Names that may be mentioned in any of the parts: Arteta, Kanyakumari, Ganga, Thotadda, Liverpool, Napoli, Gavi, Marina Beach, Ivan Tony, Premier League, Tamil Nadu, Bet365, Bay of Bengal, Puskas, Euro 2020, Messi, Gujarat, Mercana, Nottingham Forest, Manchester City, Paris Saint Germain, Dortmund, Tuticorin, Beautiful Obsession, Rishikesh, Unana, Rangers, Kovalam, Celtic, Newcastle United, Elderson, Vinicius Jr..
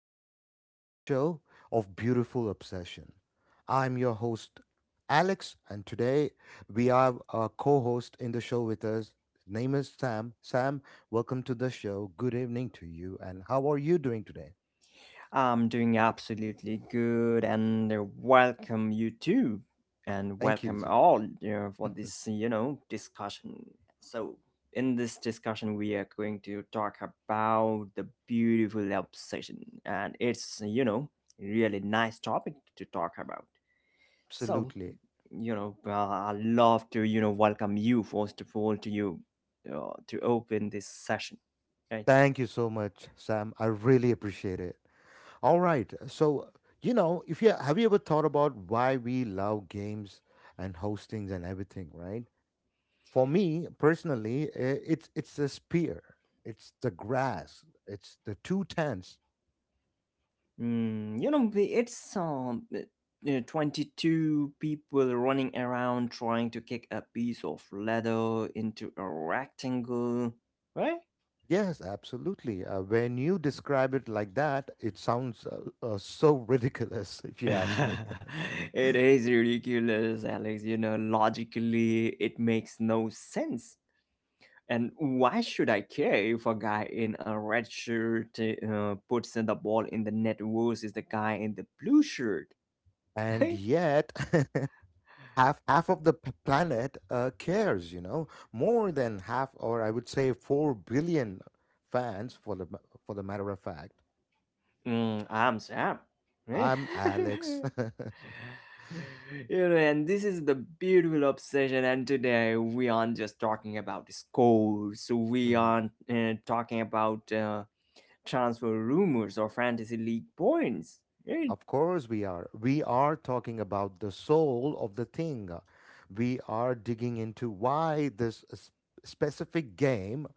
another exciting show of Beautiful Obsession. I'm your host, Alex, and today we have a co host in the show with us. His name is Sam. Sam, welcome to the show. Good evening to you, and how are you doing today? I'm doing absolutely good and welcome you too and Thank you, welcome Sam. all for this discussion. So in this discussion we are going to talk about the beautiful obsession and it's really nice topic to talk about. So Absolutely. I love to welcome you first of all to you to open this session. Okay? Thank you so much, Sam. I really appreciate it. All right. So, you know, if you have you ever thought about why we love games and hostings and everything, right? For me personally, it's the spear, it's the grass, it's the two tents. You know, the- it's 22 people running around trying to kick a piece of leather into a rectangle, right? Yes, absolutely. When you describe it like that, it sounds so ridiculous, if you ask me. It is ridiculous, Alex. You know, logically, it makes no sense. And why should I care if a guy in a red shirt puts the ball in the net versus the guy in the blue shirt, And right? yet. Half of the planet cares, you know, more than half, or I would say 4 billion fans for the for the matter of fact. Mm, I'm Sam, right? I'm Alex. You know, and this is the beautiful obsession. And today we aren't just talking about scores, we Mhm. aren't talking about transfer rumors or fantasy league points. Right? Of course, we are. We are talking about the soul of the thing. We are digging into why this specific game,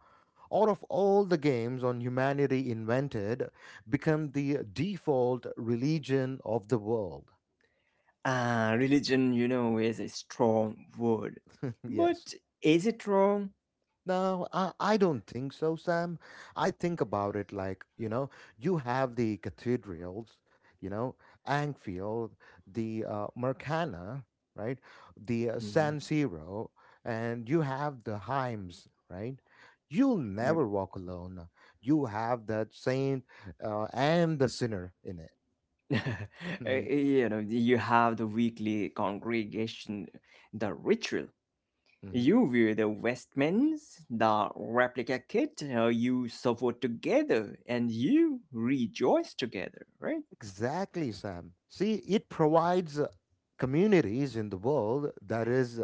out of all the games on humanity invented, become the default religion of the world. Ah, religion, you know, is a strong word, Yes. but is it wrong? No, I don't think so, Sam. I think about it like, you know, you have the cathedrals, you know, Anfield, the Mercana, right? The San Mhm. Siro, and you have the Heims, right? You'll Yep. never walk alone. You have that saint and the sinner in it. You know, you have the weekly congregation, the ritual. You were the Westmans, the replica kit. You suffer together and you rejoice together, right? Exactly, Sam. See, it provides communities in the world that is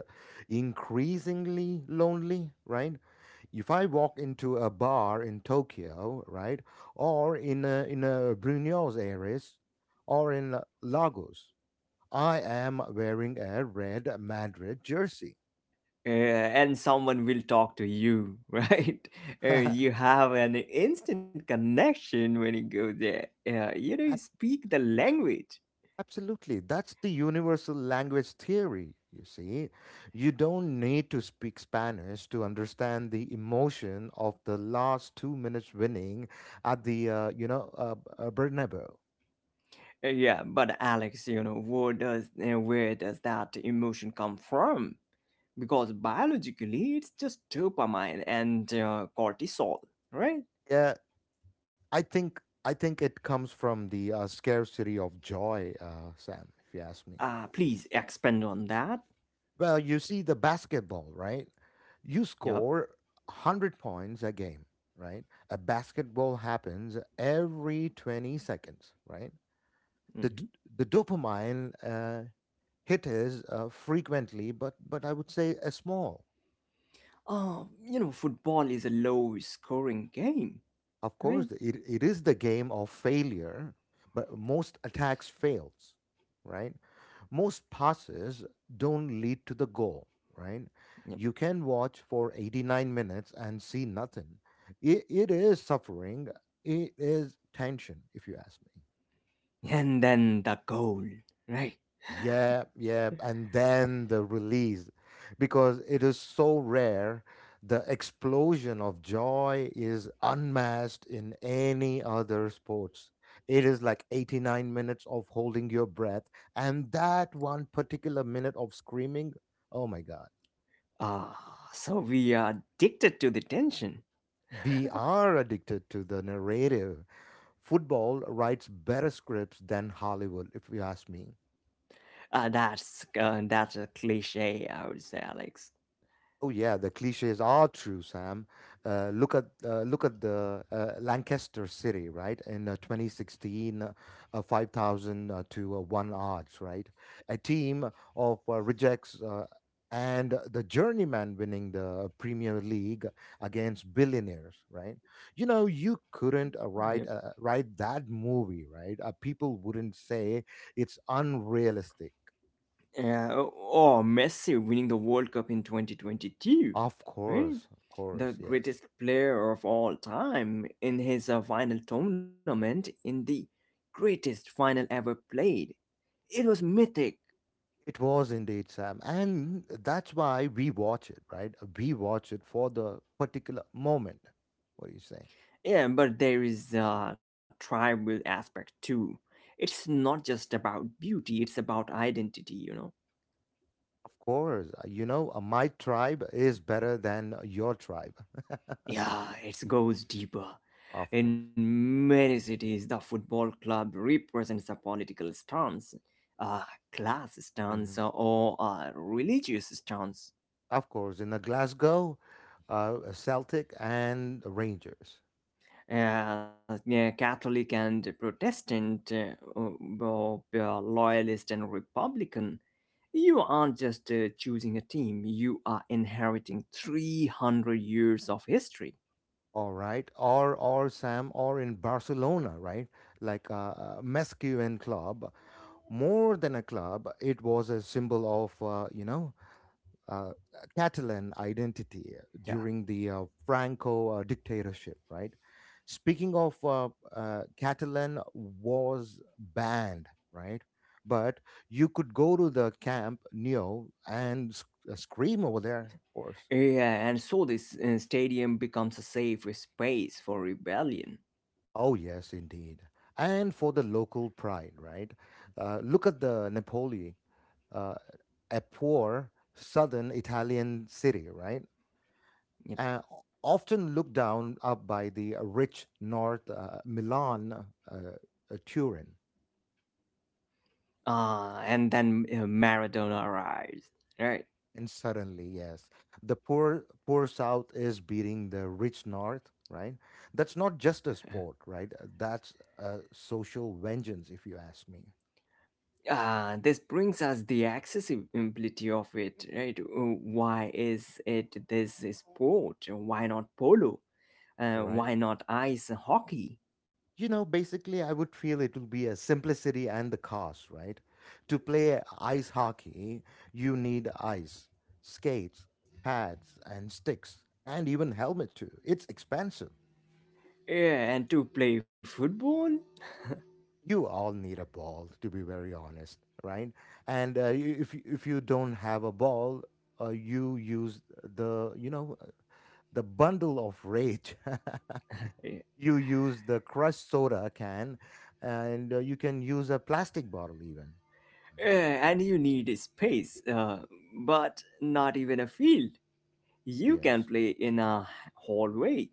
increasingly lonely, right? If I walk into a bar in Tokyo, right, or in a Buenos Aires, or in Lagos, I am wearing a red Madrid jersey. And someone will talk to you, right? You have an instant connection when you go there. You know, you speak the language. Absolutely. That's the universal language theory, you see. You don't need to speak Spanish to understand the emotion of the last 2 minutes winning at the, Bernabeu. Yeah, but Alex, you know, where does that emotion come from? Because biologically, it's just dopamine and cortisol, right? Yeah, I think it comes from the scarcity of joy, Sam, if you ask me. Please expand on that. Well, you see the basketball, right? You Yep. score 100 points a game, right? A basketball happens every 20 seconds, right? the Hmm. d- the dopamine hit frequently, but I would say a small. You know, football is a low scoring game, Of course, right? it is the game of failure, but most attacks fails, right? Most passes don't lead to the goal, right? Yep. You can watch for 89 minutes and see nothing. It is suffering. It is tension, if you ask me. And then the goal, right? Yeah, yeah, and then the release, because it is so rare. The explosion of joy is unmatched in any other sports. It is like 89 minutes of holding your breath, and that one particular minute of screaming. Oh my God. Ah, so we are addicted to the tension. We are addicted to the narrative. Football writes better scripts than Hollywood, if you ask me. That's a cliche, I would say, Alex. Oh yeah, the cliches are true, Sam. Look at look at the Lancaster City, right? In 2016, 5,000 to one odds, right? A team of rejects and the journeyman winning the Premier League against billionaires, right? You know, you couldn't Yep. Write that movie, right? People wouldn't say it's unrealistic. Or Messi winning the World Cup in 2022, right? Of The course, yes. greatest player of all time in his final tournament in the greatest final ever played. It was mythic. It was indeed, Sam. And that's why we watch it, right? We watch it for the particular moment. What are you saying? Yeah, but there is a tribal aspect too. It's not just about beauty, it's about identity, you know? Of course. You know, my tribe is better than your tribe. Yeah, it goes deeper. Of course. In many cities, the football club represents a political stance, a class Hmm. stance, or a religious stance. Of course. In the Glasgow, Celtic and Rangers. Yeah, Catholic and Protestant, loyalist and Republican. You aren't just choosing a team, you are inheriting 300 years of history. All right. Or Sam, or in Barcelona, right? Like Mescu Club. More than a club, it was a symbol of, uh, Catalan identity Yeah. during the Franco dictatorship, right? Speaking of Catalan was banned, right? But you could go to the camp Neo and scream over there, of course. Yeah, and so this stadium becomes a safe space for rebellion. Oh yes, indeed. And for the local pride, right? Look at the Napoli, uh, a poor southern Italian city, right? Yep. uh, Often looked down up by the rich North, Milan, Turin. And then Maradona arrives, right? And suddenly, yes, the poor South is beating the rich North, right? That's not just a sport, right? That's a social vengeance, if you ask me, This brings us the accessibility of it, right? Why is it this sport? Why not polo? Right? Why not ice hockey? You know, basically, I would feel it will be a simplicity and the cost, right? To play ice hockey, you need ice, skates, pads, and sticks, and even helmet too. It's expensive. Yeah, and to play football? You all need a ball, to be very honest, right? And if you don't have a ball, you use the, you know, the bundle of rage. Yeah, You use the crushed soda can, and you can use a plastic bottle even. Right? and you need a space, but not even a field. You can Yes, play in a hallway.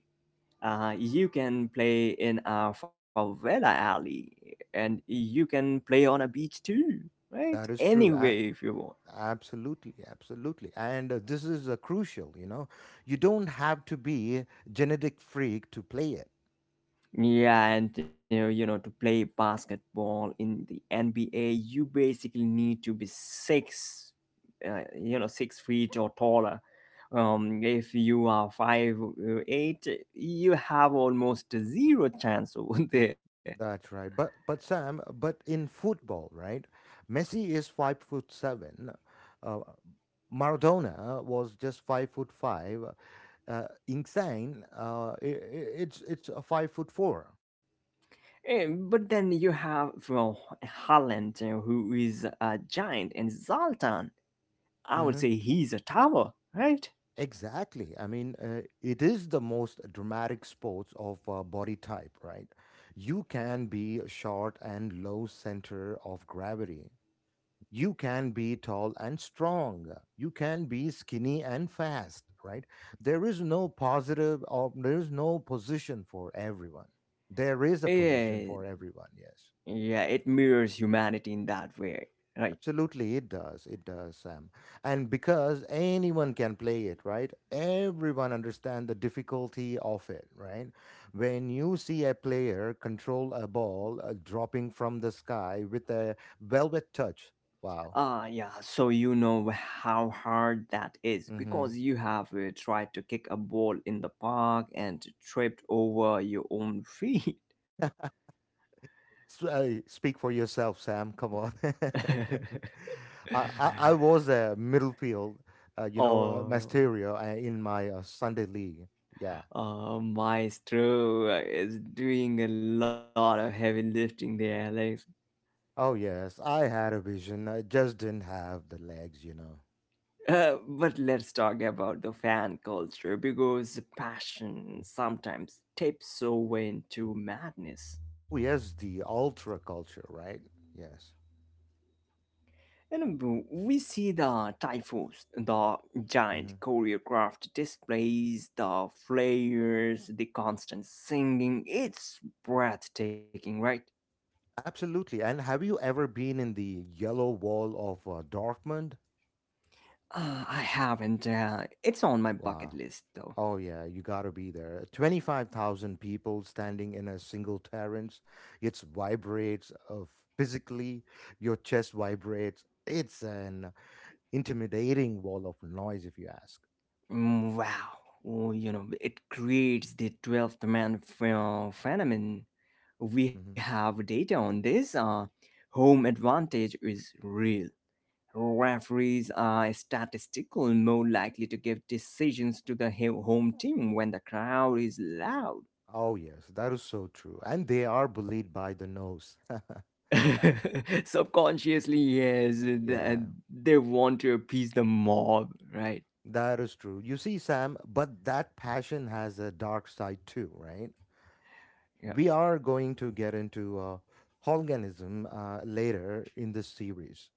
You can play in a favela alley, and you can play on a beach too, right? that is true. I, Anywhere if you want. absolutely, absolutely. And this is crucial, you know. You don't have to be a genetic freak to play it. Yeah, and to play basketball in the NBA, you basically need to be six, 6 feet or taller. If you are five eight, you have almost zero chance over there. That's right. But Sam, but in football, right? Messi is 5 foot seven. Uh, Maradona was just 5 foot five. Insane. It's a 5 foot 4. But then you have well Holland, who is a giant, and Zoltan. I would Mm-hmm. say he's a tower, right? Exactly. I mean, it is the most dramatic sports of body type, right? You can be short and low center of gravity. You can be tall and strong. You can be skinny and fast, right? There is no positive or there is no position for everyone. There is a Yeah, position for everyone, yes. yeah. It mirrors humanity in that way, right? Absolutely, it does. It does, Sam. And because anyone can play it, right? Everyone understand the difficulty of it, right? When you see a player control a ball dropping from the sky with a velvet touch, wow. Ah, yeah. So you know how hard that is Mm-hmm. because you have tried to kick a ball in the park and tripped over your own feet. Speak for yourself, Sam. Come on. I was a midfield, Oh. Masterio in my Sunday league. Yeah. Oh, Maestro is doing a lot of heavy lifting there, Alex. Oh, yes, I had a vision. I just didn't have the legs, you know. But let's talk about the fan culture because passion sometimes tips over into madness. Oh, yes, the ultra culture, right? Yes. And we see the typhus, the giant Hmm. choreographed displays, the flares, the constant singing. It's breathtaking, right? Absolutely. And have you ever been in the yellow wall of Dortmund? I haven't. It's on my bucket Wow. list, though. Oh, yeah, you gotta be there. 25,000 people standing in a single terrace. It vibrates physically, your chest vibrates. It's an intimidating wall of noise, if you ask. Mm. Wow. Oh, you know, it creates the 12th man phenomenon. We Mm-hmm. have data on this. Home advantage is real. Referees are statistically more likely to give decisions to the home team when the crowd is loud. Oh, yes, that is so true. And they are bullied by the nose. Subconsciously, yes, Yeah, they want to appease the mob, right? that is true. You see, Sam, but that passion has a dark side too, right? Yep. We are going to get into Holganism later in this series,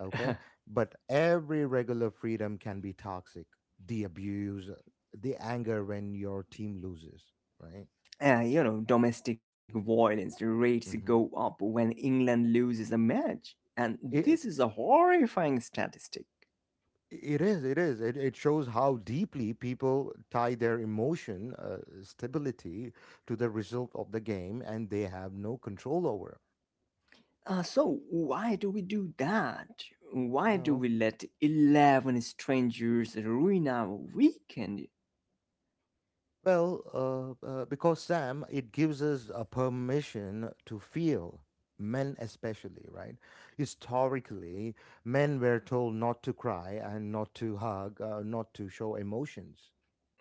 okay? But every regular freedom can be toxic. The abuse, the anger when your team loses, right? You know, domestic violence rates go Mm-hmm. up when England loses a match. And this is a horrifying statistic. It is. It is. It shows how deeply people tie their emotion stability to the result of the game, and they have no control over. So, why do we do that? Why do Well, we let 11 strangers ruin our weekend? Because Sam, it gives us a permission to feel. Men, especially, right? Historically, men were told not to cry and not to hug, not to show emotions.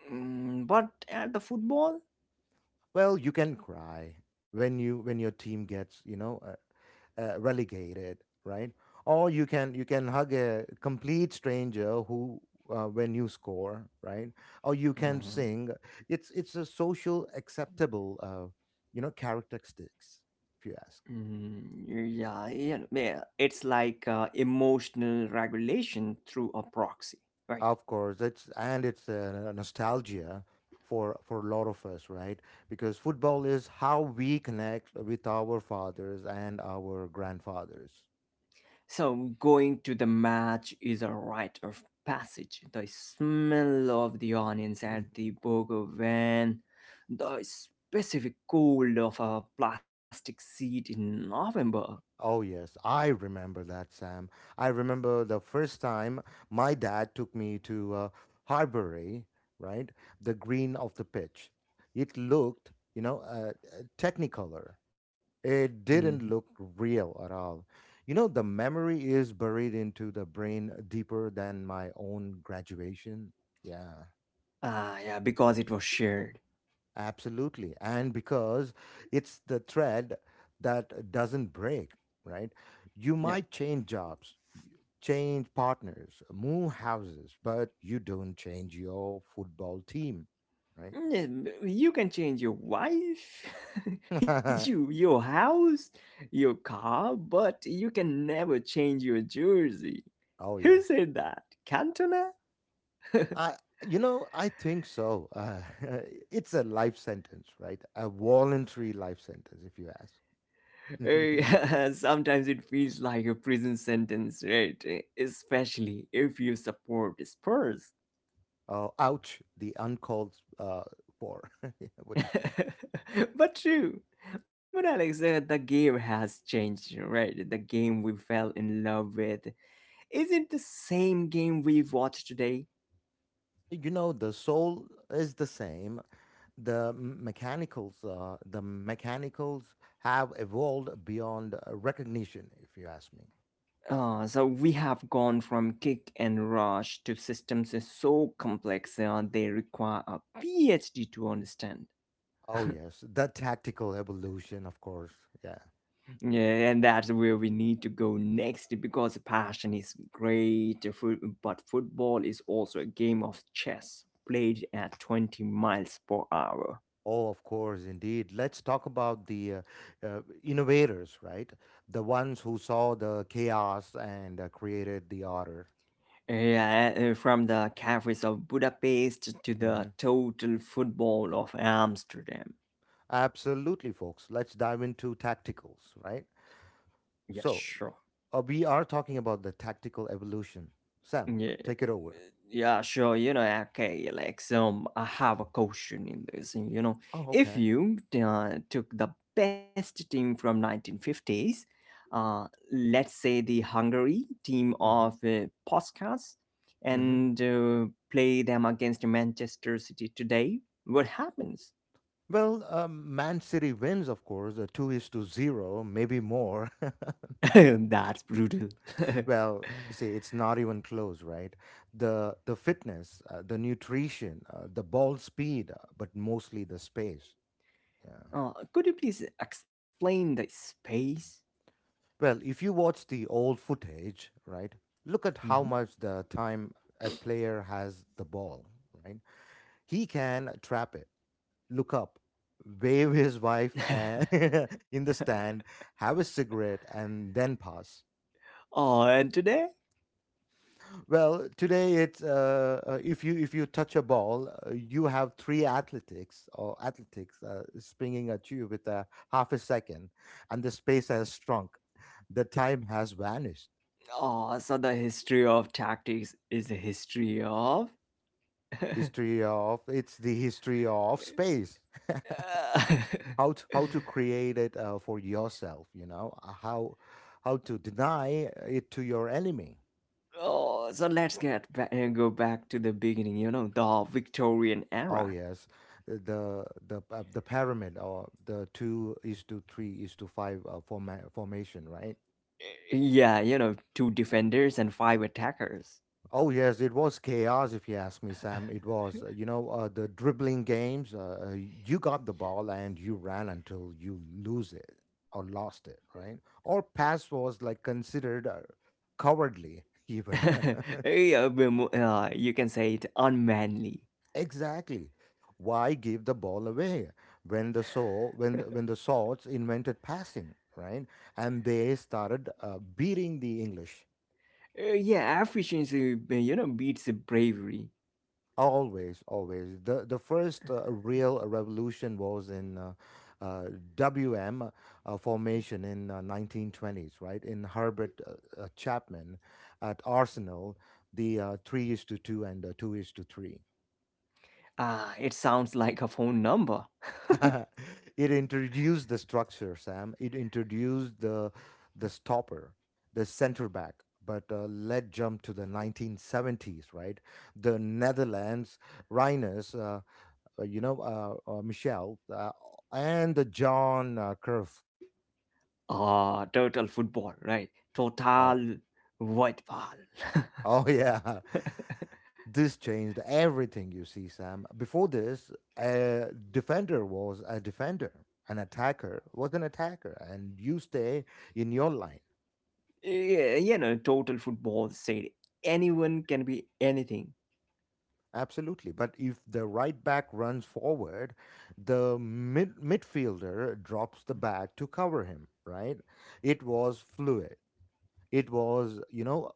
Mm, but at the football? Well, you can cry when you when your team gets, you know, relegated, right? Or you can hug a complete stranger who when you score, right? Or you can Uh, sing. It's a social acceptable, characteristics. If you ask, yeah, yeah, yeah, it's like emotional regulation through a proxy, right? of course, it's a nostalgia for a lot of us, right? Because football is how we connect with our fathers and our grandfathers. So, going to the match is a rite of passage. The smell of the onions at the burger van, the specific cold of a plastic seat in November. Oh, yes, I remember that, Sam. I remember the first time my dad took me to Harbury, right? The green of the pitch. It looked, you know, technicolor. It Mhm. didn't look real at all. You know, the memory is buried into the brain deeper than my own graduation. Yeah, Ah, yeah, because it was shared. absolutely. And because it's the thread that doesn't break, right? You Yep. might change jobs, change partners, move houses, but you don't change your football team, right? You can change your wife, your house, your car, but you can never change your jersey. Oh Who yes, said that? Cantona? I, you know, I think so. It's a life sentence, right? A voluntary life sentence, if you ask. Sometimes it feels like a prison sentence, right? Especially if you support Spurs. Oh, ouch! The uncalled for. What do you say? But true. But Alexa, the game has changed, right? The game we fell in love with isn't the same game we watch today. You know, the soul is the same. The mechanicals have evolved beyond recognition, if you ask me. So we have gone from kick and rush to systems so complex they require a PhD to understand. Oh, yes, the tactical evolution, of course. Yeah. Yeah, and that's where we need to go next because passion is great, but football is also a game of chess played at 20 miles per hour. Oh, of course, indeed. Let's talk about the innovators, right? The ones who saw the chaos and created the order. Yeah, from the cafes of Budapest to the Hmm. total football of Amsterdam. Absolutely, folks. Let's dive into tacticals, right? Yes, So, sure. We are talking about the tactical evolution. Sam, Yeah, take it over. yeah, sure. You know, okay, like, so I have a question in this. You know, Oh, if okay. you took the best team from 1950s, uh, let's say the Hungary team of Hmm. Puskas, Hmm. and play them against Manchester City today, what happens? Well, Man City wins, of course, two is to zero, maybe more. That's brutal. Well, say it's not even close, right? The fitness, the nutrition, the ball speed, but mostly the space. Yeah. Uh, could you please explain the space? Well, if you watch the old footage, right? Look at how Mhm. much the time a player has the ball, right? He can trap it, look up, wave his wife and in the stand, have a cigarette, and then pass. Oh, and today? Well, today it's, if you touch a ball, you have three athletics or athletics springing at you with a half a second, and the space has shrunk. The time has vanished. Oh, so the history of tactics is the history of. History of it's the history of space. How to create it for yourself? You know, how to deny it to your enemy. Oh, so let's go back to the beginning. You know, the Victorian Oh era. yes, the pyramid, or the two is to three is to five formation, right? Yeah, you know, two defenders and five attackers. Oh yes, it was chaos, if you ask me, Sam. It was, you know, the dribbling games. You got the ball and you ran until you lose it or lost it, right? Or pass was like considered cowardly, even. Yeah, but you can say it unmanly. Exactly. Why give the ball away when the so when the swords invented passing, right? And they started beating the English. Yeah, efficiency, beats bravery. Always, always. The first real revolution was in uh, WM formation in 1920s, right? In Herbert Chapman at Arsenal, the three is to two and two is to three. Ah, it sounds like a phone number. It introduced the structure, Sam. It introduced the stopper, the center back. But let jump to the 1970s, right? The Netherlands Rhinos. So you know, Michelle and the John Curve. Ah, total football, right? Oh, Total football. oh yeah, this changed everything. You see, Sam. Before this, a defender was a defender, an attacker was an attacker, and you stay in your line. Yeah, you know, total football said anyone can be anything. Absolutely, but if the right back runs forward, the midfielder drops the back to cover him. Right? It was fluid. It was, you know,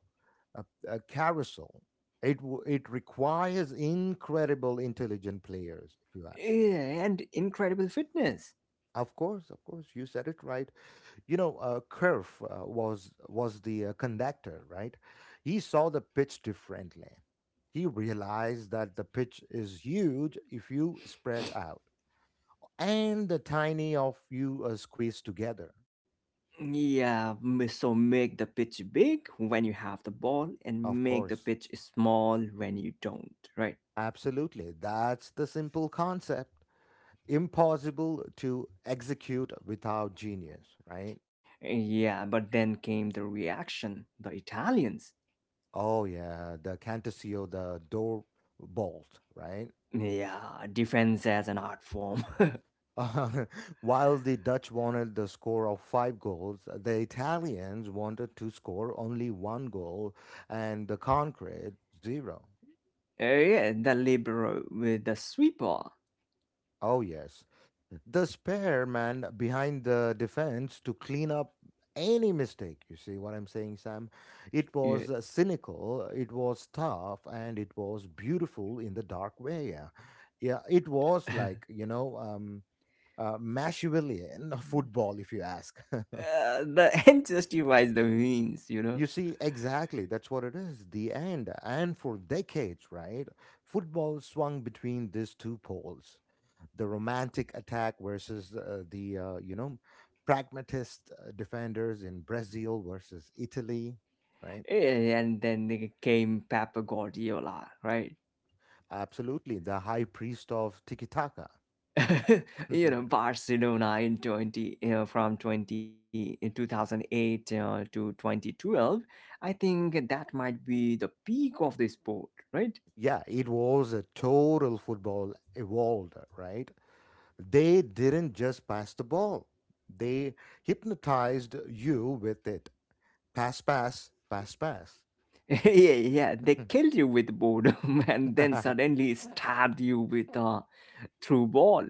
a carousel. It requires incredible intelligent players, if you ask. Yeah, and incredible fitness. Of course, you said it right. You know, Kerf was the conductor, right? He saw the pitch differently. He realized that the pitch is huge if you spread out, and the tiny of you are squeezed together. Yeah, so make the pitch big when you have the ball and Of make the course, pitch small when you don't, right? absolutely. That's the simple concept, impossible to execute without genius, right? Yeah, but then came the reaction, the Italians. Oh yeah, the Cantasio, the door bolt, right? Yeah, defense as an art form. While the Dutch wanted the score of five goals, the Italians wanted to score only one goal and the concrete zero. Yeah, the libero with the sweeper. Oh, yes. The spare man behind the defense to clean up any mistake. You see what I'm saying, Sam? It was Yeah. cynical, it was tough, and it was beautiful in the dark way. Yeah, yeah, it was like, you know, Machiavellian football, if you ask. The end justifies the means, you You know. see, exactly, that's what it is. The end. And for decades, right? Football swung between these two poles. The romantic attack versus the pragmatist defenders in Brazil versus Italy, right? And then they came Pep Guardiola, right? Absolutely, the high priest of tiki taka. You know, Barcelona in 20, you know, from 20, in 2008 to 2012. I think that might be the peak of the sport, right? Yeah, it was a total football evolved, right? They didn't just pass the ball; they hypnotized you with it. Pass, pass, pass, pass. Yeah, yeah. They killed you with boredom and then suddenly stabbed you with a through ball.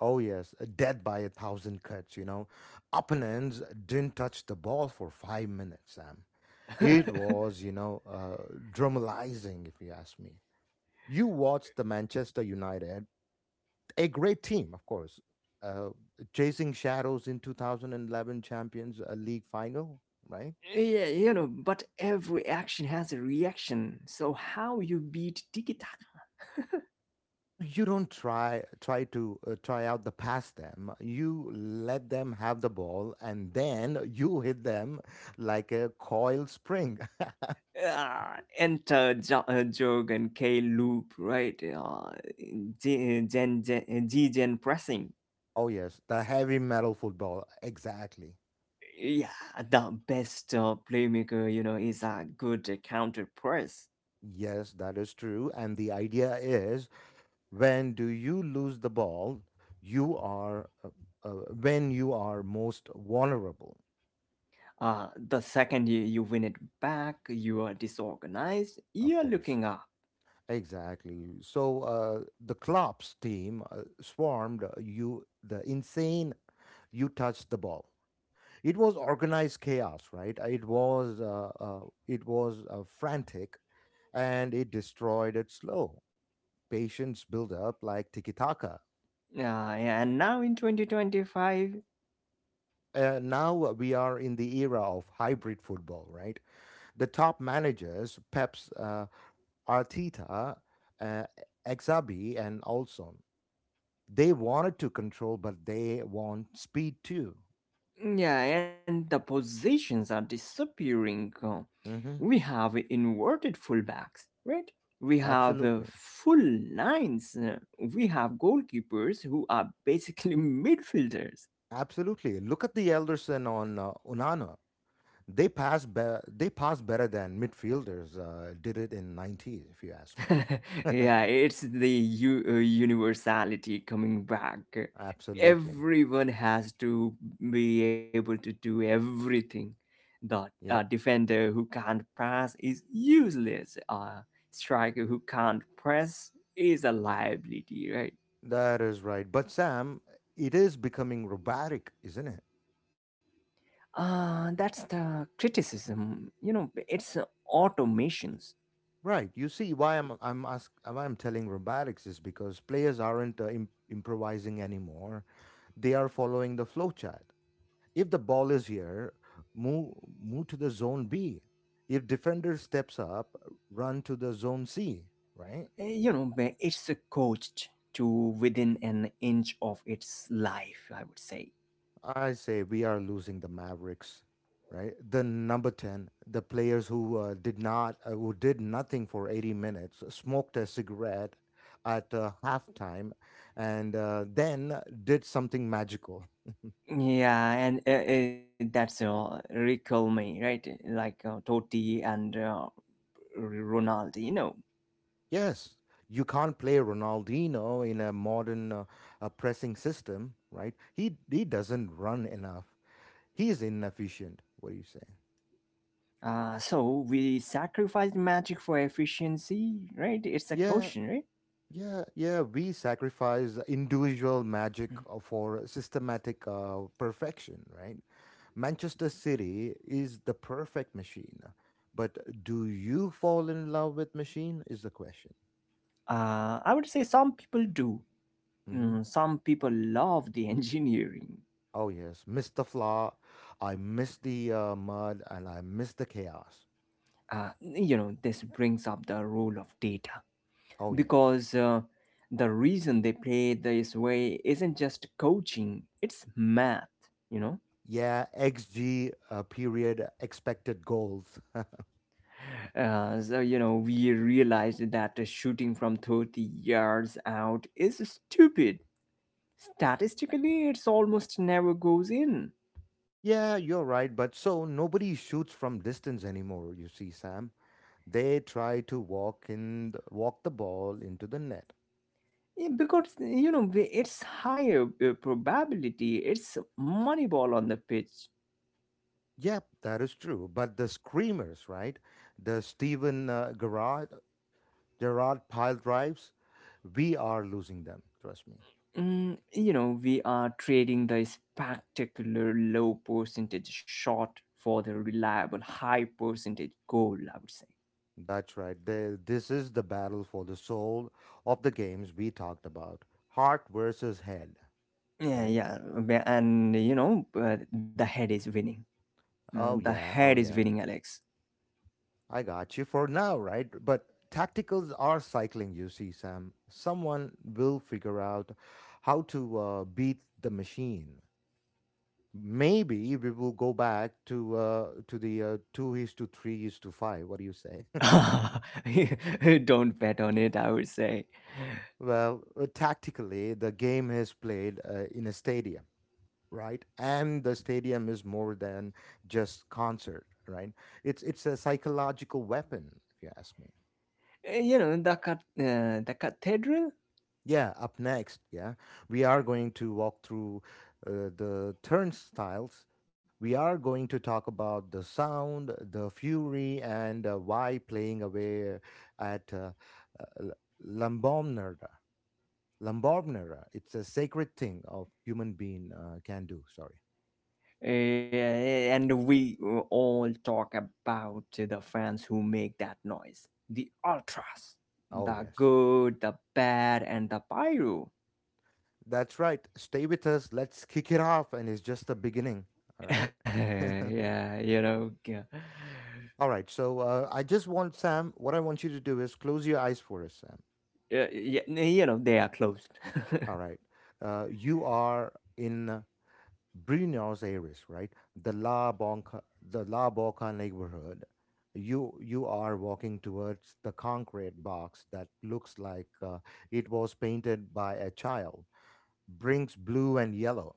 Oh, yes, dead by a thousand cuts, you know. Opponents didn't touch the ball for 5 minutes, Sam. It was, you know, dramatizing, if you ask me. You watched the Manchester United, a great team, of course, uh, chasing shadows in 2011 Champions League final, right? Yeah, you know, but every action has a reaction. So how you beat Tiki Tak? You don't try to try out the pass them. You let them have the ball, and then you hit them like a coil spring. Ah, enter Jog and K loop, right? Gen pressing. Oh, yes, the heavy metal football. Exactly. Yeah, the best playmaker, you know, is a good counter press. Yes, that is true. And the idea is when do you lose the ball, you are uh, when you are most vulnerable, The second you win it back, you are disorganized, of you're course. looking up. Exactly. So the Klopp's team swarmed you, the insane, you touched the ball. It was organized chaos, right? It was frantic, and it destroyed it slow patience build up like tiki taka. Uh, and now in 2025. Now we are in the era of hybrid football, right? The top managers, Pep's, Arteta, uh, Exabi, and Olson. They wanted to control, but they want speed too. Yeah, and the positions are disappearing. We Hmm. have inverted fullbacks, right? We have Absolutely, full nines. We have goalkeepers who are basically midfielders. absolutely. Look at the Elderson on Unana. They pass better than midfielders did it in 90s, if you ask me. Yeah, it's the universality coming back. Absolutely. Everyone has to be able to do everything. The Yep. defender who can't pass is useless. Striker who can't press is a liability, right? That is right. But Sam, it is becoming robotic, isn't it? That's the criticism. You know, it's automations. Right. You see why I'm ask why I'm telling robotics is because players aren't improvising anymore. They are following the flow chart. If the ball is here, move move to the zone B. If defender steps up, run to the zone C, right? You know, but it's coached to within an inch of its life, I would say. I say we are losing the Mavericks, right? The number 10, the players who did not, who did nothing for 80 minutes, smoked a cigarette at halftime, and then did something magical. Yeah, and that's Recall me, right? Like Totti and Ronaldinho. Yes, you can't play Ronaldinho in a modern pressing system, right? He doesn't run enough. He's inefficient. What do you say? So we sacrificed magic for efficiency, right? It's a Yeah. question, right? Yeah, yeah, we sacrifice individual magic for systematic perfection, right? Manchester City is the perfect machine, but do you fall in love with machine is the question. I would say some people do. Hmm. Mm, some people love the engineering. Oh yes, miss the flaw, I miss the mud, and I miss the chaos. You know, this brings up the role of data Oh yes, because the reason they play this way isn't just coaching, it's math, you know? yeah, xG period expected goals. So you know, we realized that shooting from 30 yards out is stupid. Statistically, it's almost never goes in. Yeah, you're right, but so nobody shoots from distance anymore. You see, Sam. They try to walk the ball into the net. Yeah, because you know it's higher probability, it's money ball on the pitch. Yep, that is true. But the screamers, right? The Steven Gerrard pile drives, we are losing them. Trust me. Mm, you know we are trading the spectacular low percentage shot for the reliable high percentage goal. I would say. That's right. This is the battle for the soul of the games we talked about. Heart versus head, Yeah, right? yeah, and you know the head is winning. The Oh yeah, head oh is yeah. winning, Alex. I got you for now, right? But tacticals are cycling, you see, Sam. Someone will figure out how to beat the machine. Maybe we will go back to the two is to three is to five. What do you say? Don't bet on it. I would say. Well, tactically, the game is played in a stadium, right? And the stadium is more than just concert, right? It's a psychological weapon, if you ask me. The cathedral, Yeah, up next, yeah, we are going to walk through the turnstiles. We are going to talk about the sound, the fury, and why playing away at uh, Lambombnera. Lambombnera, it's a sacred thing of human being can do. Sorry. And we all talk about the fans who make that noise, the ultras, Oh, the yes. good, the bad, and the pyro. That's right. Stay with us. Let's kick it off. And it's just the beginning. All right. yeah, you know, yeah, All right. So I just want, Sam, what I want you to do is close your eyes for us, Sam. Yeah, you know, they are closed. All right. You are in Buenos Aires, right? The La Bonca, the La Boca neighborhood. You are walking towards the concrete box that looks like it was painted by a child. Brings blue and yellow.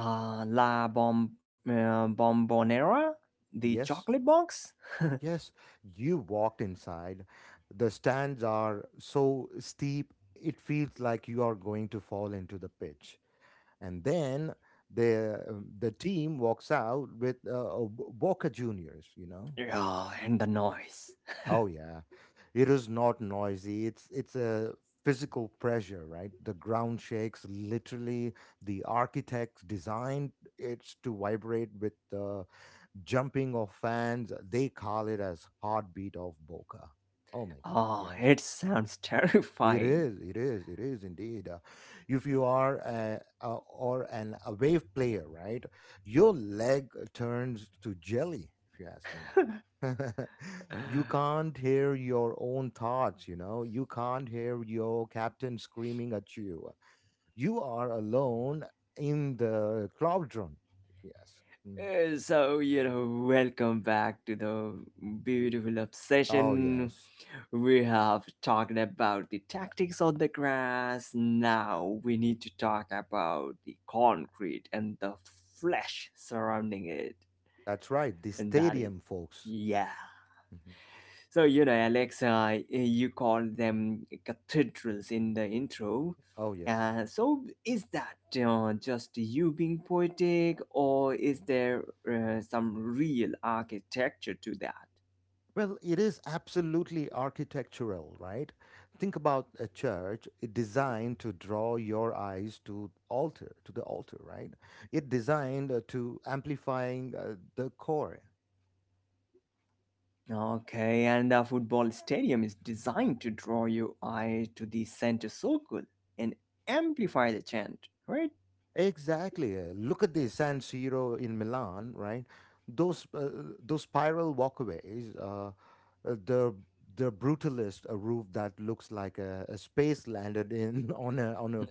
Uh, La Bomb Bombonera, the Yes, chocolate box. yes. You walked inside. The stands are so steep, it feels like you are going to fall into the pitch. And then the team walks out with Boca Juniors. You know, Yeah, and the noise. oh yeah, it is not noisy. It's a physical pressure, right? The ground shakes literally. The architects designed it to vibrate with the jumping of fans. They call it as heartbeat of Boca. Oh my God, Oh, yes. it sounds It terrifying. is, it is, it is indeed. If you are a, or an away player, right, your leg turns to jelly, if you ask me. Uh, You can't hear your own thoughts, you know. You can't hear your captain screaming at you. You are alone in the cauldron. Yes. Mm. So, welcome back to the beautiful Oh, obsession. yes. We have talked about the tactics on the grass. Now we need to talk about the concrete and the flesh surrounding it. That's right. The And that is, stadium, folks. yeah. Mhm. So, Alex, you call them cathedrals in the intro. Oh, yes. So, is that just you being poetic, or is there some real architecture to that? Well, it is absolutely architectural, right? Think about a church it designed to draw your eyes to the altar, right? It designed to amplifying the core. Okay, and the football stadium is designed to draw your eye to the center circle and amplify the chant, right? Exactly. Look at the San Siro in Milan, right? Those uh, those spiral walkways, uh, the the brutalist a roof that looks like a space landed in on a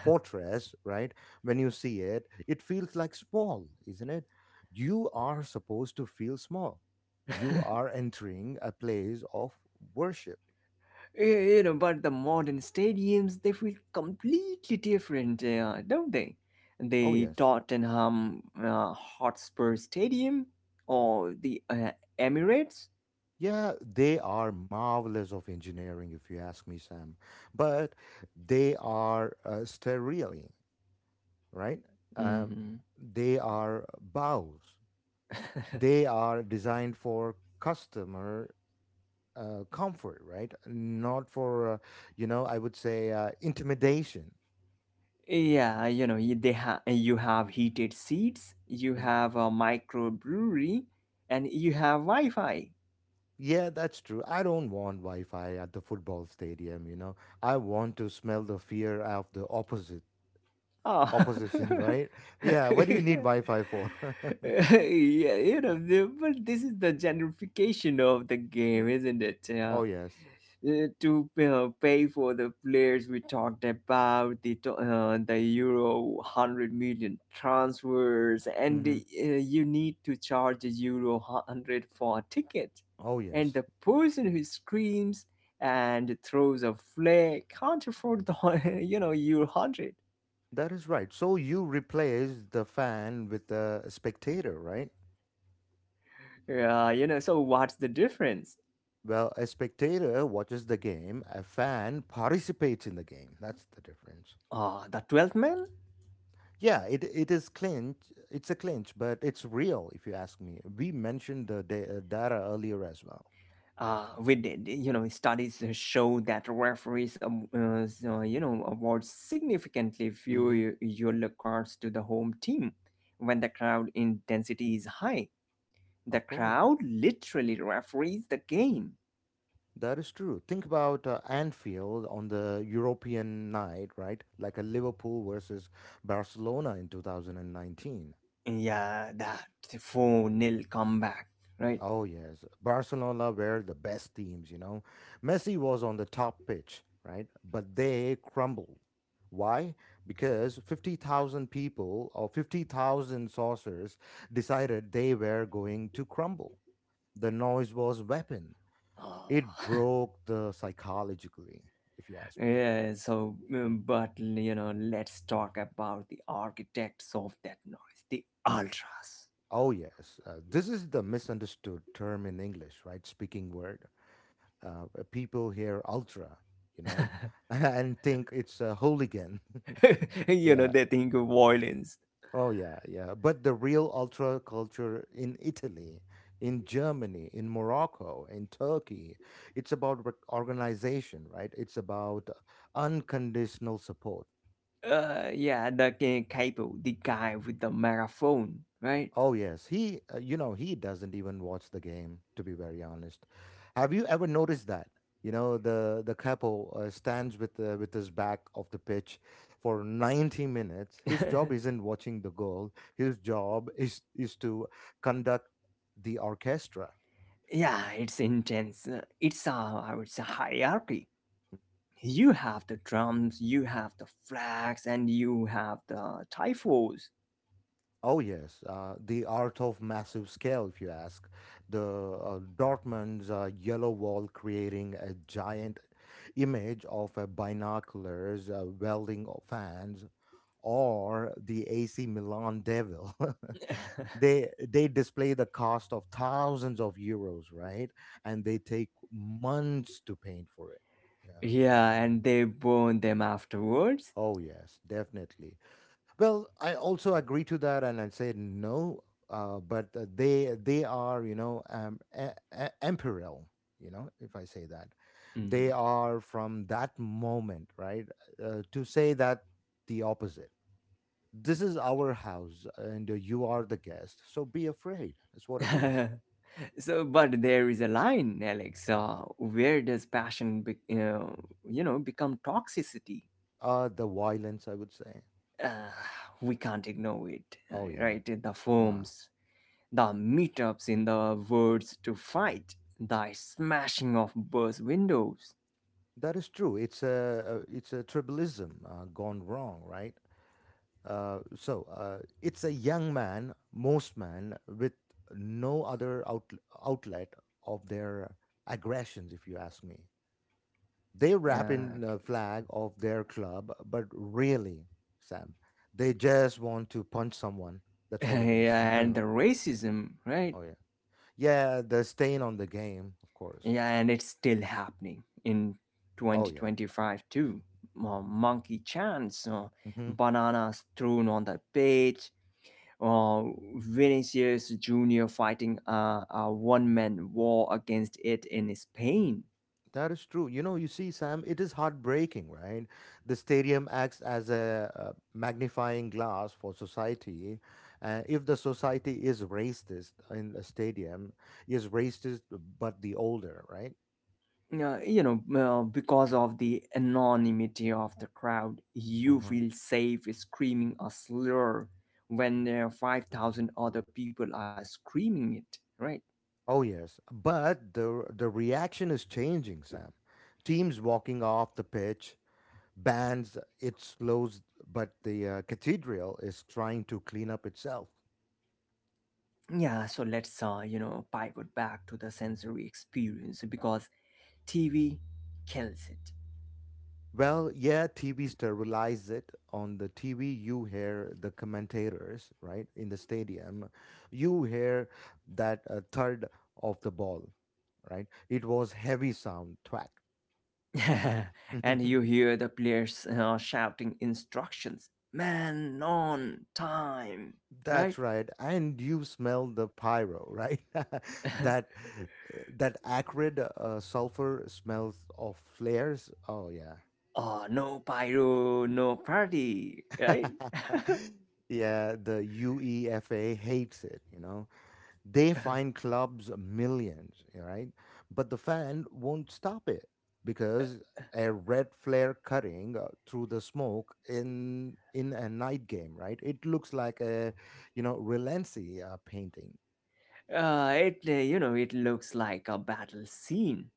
fortress, right? When you see it, it feels like small, isn't it? You are supposed to feel small. You are entering a place of worship. Y- You know, but the modern stadiums, they feel completely different, don't they? Oh The yes. Tottenham Hotspur Stadium or the Emirates. Yeah, they are marvelous of engineering, if you ask me, Sam. But they are sterile, right? Um, Hmm. they are bows. They are designed for customer comfort, right? Not for, you know, I would say intimidation. Yeah, you have heated seats, you Mhm. have a microbrewery, and you have Wi-Fi. Yeah, that's true. I don't want Wi Fi at the football stadium, you know. I want to smell the fear of the opposite. Oh. Opposition, right? Yeah, what do you need Wi-Fi for? Yeah, but this is the gentrification of the game, Mm, isn't it? Yeah. oh yes. To pay for the players we talked about the euro 100 million transfers, and Hmm. you need to charge a euro 100 for a ticket, Oh and yes. the person who screams and throws a flare can't afford the euro 100. That is right. So you replace the fan with a spectator, right? Yeah, so what's the difference? Well, a spectator watches the game, a fan participates in the game. That's the difference. The 12th man. Yeah, it is clinch. It's a clinch, but it's real, if you ask me. We mentioned the data earlier as well. We did. Studies show that referees, so, award significantly Hmm fewer yellow cards to the home team when the crowd intensity is high. The Of course. crowd literally referees the game. That is true. Think about Anfield on the European night, right? Like a Liverpool versus Barcelona in 2019. Yeah, that 4 nil comeback, right? Oh, yes. Barcelona were the best teams, you know. Messi was on the top pitch, right? But they crumbled. Why? Because 50,000 people or 50,000 saucers decided they were going to crumble. The noise was weapon. Oh. It broke the psychologically, if you ask me. Yeah, so, but, let's talk about the architects of that noise, the ultras. Oh, yes. This is the misunderstood term in English, right? Speaking word. People hear ultra, you know, and think it's a hooligan. Yeah. They think of violence. Oh, yeah, yeah. But the real ultra culture in Italy, in Germany, in Morocco, in Turkey, it's about organization, right? It's about unconditional support. Yeah, the Kaipo, the guy with the microphone, right? Oh yes, he you know he doesn't even watch the game to be very honest. Have you ever noticed that? You know the couple stands with his back of the pitch for 90 minutes. His job isn't watching the goal. His job is to conduct the orchestra. Yeah, it's intense. It's a, I would say, hierarchy. You have the drums, you have the flags, and you have the typhos. Oh yes, the art of massive scale, if you ask. The Dortmund's yellow wall creating a giant image of a binoculars welding of fans, or the AC Milan Devil. They display the cost of thousands of euros, right? And they take months to paint for it. Yeah. Yeah, and they burn them afterwards. Oh yes, definitely. Well, I also agree to that, and I say no. But they are imperial. You know, if I say that, they Mhm. are from that moment, right? To say that the opposite. This is our house, and you are the guest. So be afraid. That's what it is. So, but there is a line, Alex. Where does passion, become toxicity? The violence, I would say. Uh, we can't ignore it, Oh yeah, right? The nah, forms, the meetups in the words to fight, the smashing of bus windows, that is true. It's it's a tribalism gone wrong, right? It's a young man, most man, with no other outlet of their aggressions, if you ask me. They wrap uh, in the flag of their club, but really, Sam, they just want to punch someone. That's what it is. yeah, and the racism, right? Oh yeah, yeah. The stain on the game, of course. Yeah, and it's still happening in Oh yeah. 2025 too. Monkey chants, Mm-hmm. bananas thrown on the page, uh, Vinicius Jr. fighting a one man war against it in Spain. That is true. You know, you see, Sam, it is heartbreaking, right? The stadium acts as a, magnifying glass for society. If the society is racist in the stadium, is racist, but the older, right? Because of the anonymity of the crowd, you Uh-huh. feel safe screaming a slur when there are 5,000 other people are screaming it, right? Oh yes, but the reaction is changing, Sam. Teams walking off the pitch, bands. It slows, but the cathedral is trying to clean up itself. Yeah, so let's, pivot back to the sensory experience because TV kills it. Well, yeah, TV sterilize it. On the TV, you hear the commentators, right? In the stadium, you hear that third of the ball, right? It was heavy sound, thwack. And you hear the players shouting instructions, man on time, right. That's right. And you smell the pyro, right? That that acrid sulfur smells of flares. Oh yeah. Oh, no pyro no party, right. Yeah, the UEFA hates it, you know. They find clubs millions, right? But the fan won't stop it because a red flare cutting through the smoke in a night game, right? It looks like a you know Relency painting. It it looks like a battle scene.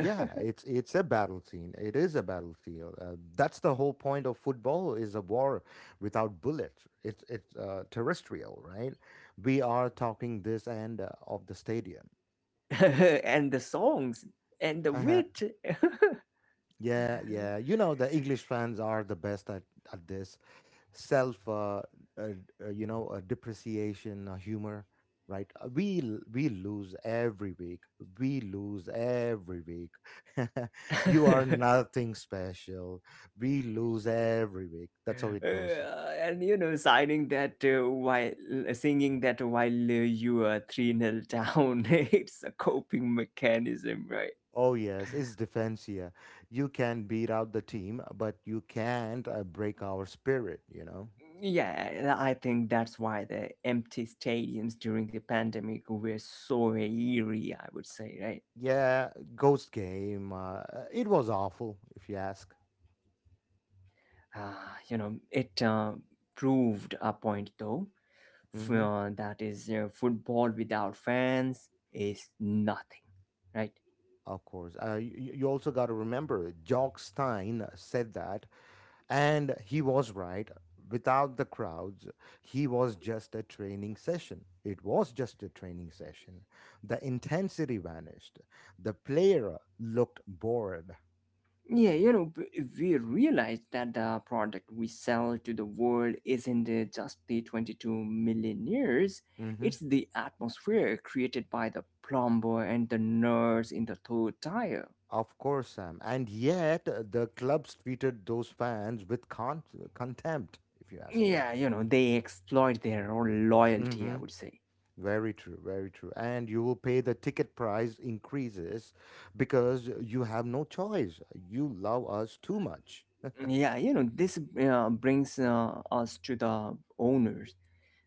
Yeah, it's a battle scene. It is a battlefield. That's the whole point of football is a war without bullets. It's terrestrial, right? We are talking this end of the stadium. And the songs and the wit. Yeah, yeah. You know, the English fans are the best at this self, uh, depreciation, humor, right? We lose every week. We lose every week. You are nothing special. We lose every week. That's how it goes. And signing that while singing that while you are 3 nil down, it's a coping mechanism, right? Oh yes, it's defensia. You can beat out the team, but you can't break our spirit. You know. Yeah, I think that's why the empty stadiums during the pandemic were so eerie, I would say, right? Yeah, Ghost Game. It was awful, if you ask. Uh, it proved a point, though, Hmm that is, football without fans is nothing, right? Of course. You, you also got to remember, Jock Stein said that, and he was right. Without the crowds, he was just a training session. It was just a training session. The intensity vanished. The player looked bored. Yeah, we realize that the product we sell to the world isn't just the 22 millionaires, Hmm it's the atmosphere created by the plumber and the nurse in the third tire. Of course, Sam. And yet, the clubs treated those fans with contempt, if you ask me. Yeah, they exploit their own loyalty, Hmm I would say. Very true, very true. And you will pay the ticket price increases because you have no choice. You love us too much. Yeah, this brings us to the owners,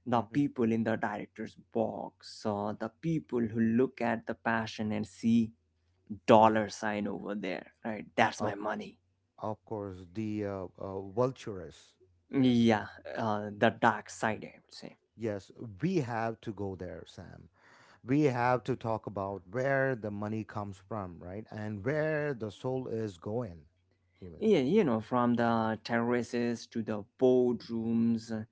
the Hmm people in the director's box, the people who look at the passion and see hmm dollar sign over there, right? That's Of, my money. of course, the vultures. Yes. Yeah, the dark side, I would say. Yes, we have to go there, Sam. We have to talk about where the money comes from, right? And where the soul is going, even. Yeah, from the terraces to the boardrooms,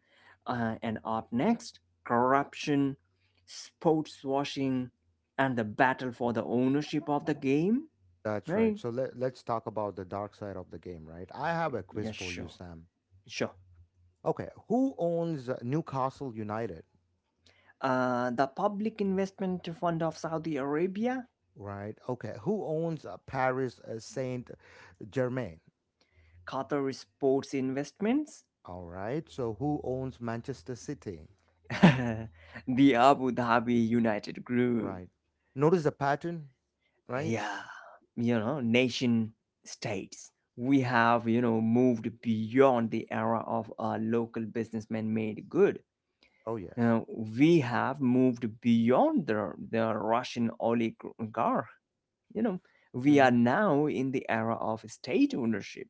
and up next, corruption, sports washing, and the battle for the ownership of the game, That's right. right? So let's talk about the dark side of the game, right? I have a quiz Yeah, for you, sure, Sam. sure. Okay, who owns Newcastle United, The Public Investment Fund of Saudi Arabia. right? Okay, who owns Paris Saint Germain? Qatar Sports Investments. All right, so who owns Manchester City, The Abu Dhabi United Group. right? Notice the pattern, right? Yeah, nation states, we have, moved beyond the era of a local businessman made good. Oh, yes. Now we have moved beyond the Russian oligarch. you know we hmm are now in the era of state ownership.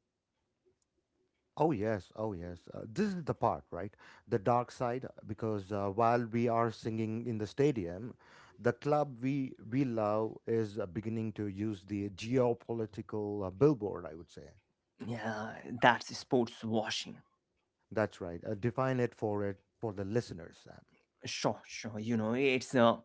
Oh, yes. Oh, yes. This is the part, right? The dark side, because while we are singing in the stadium, the club we love is beginning to use the geopolitical billboard, I would say. Yeah, that's sports washing. That's right. Define it for the listeners, Sam. Sure, sure. It's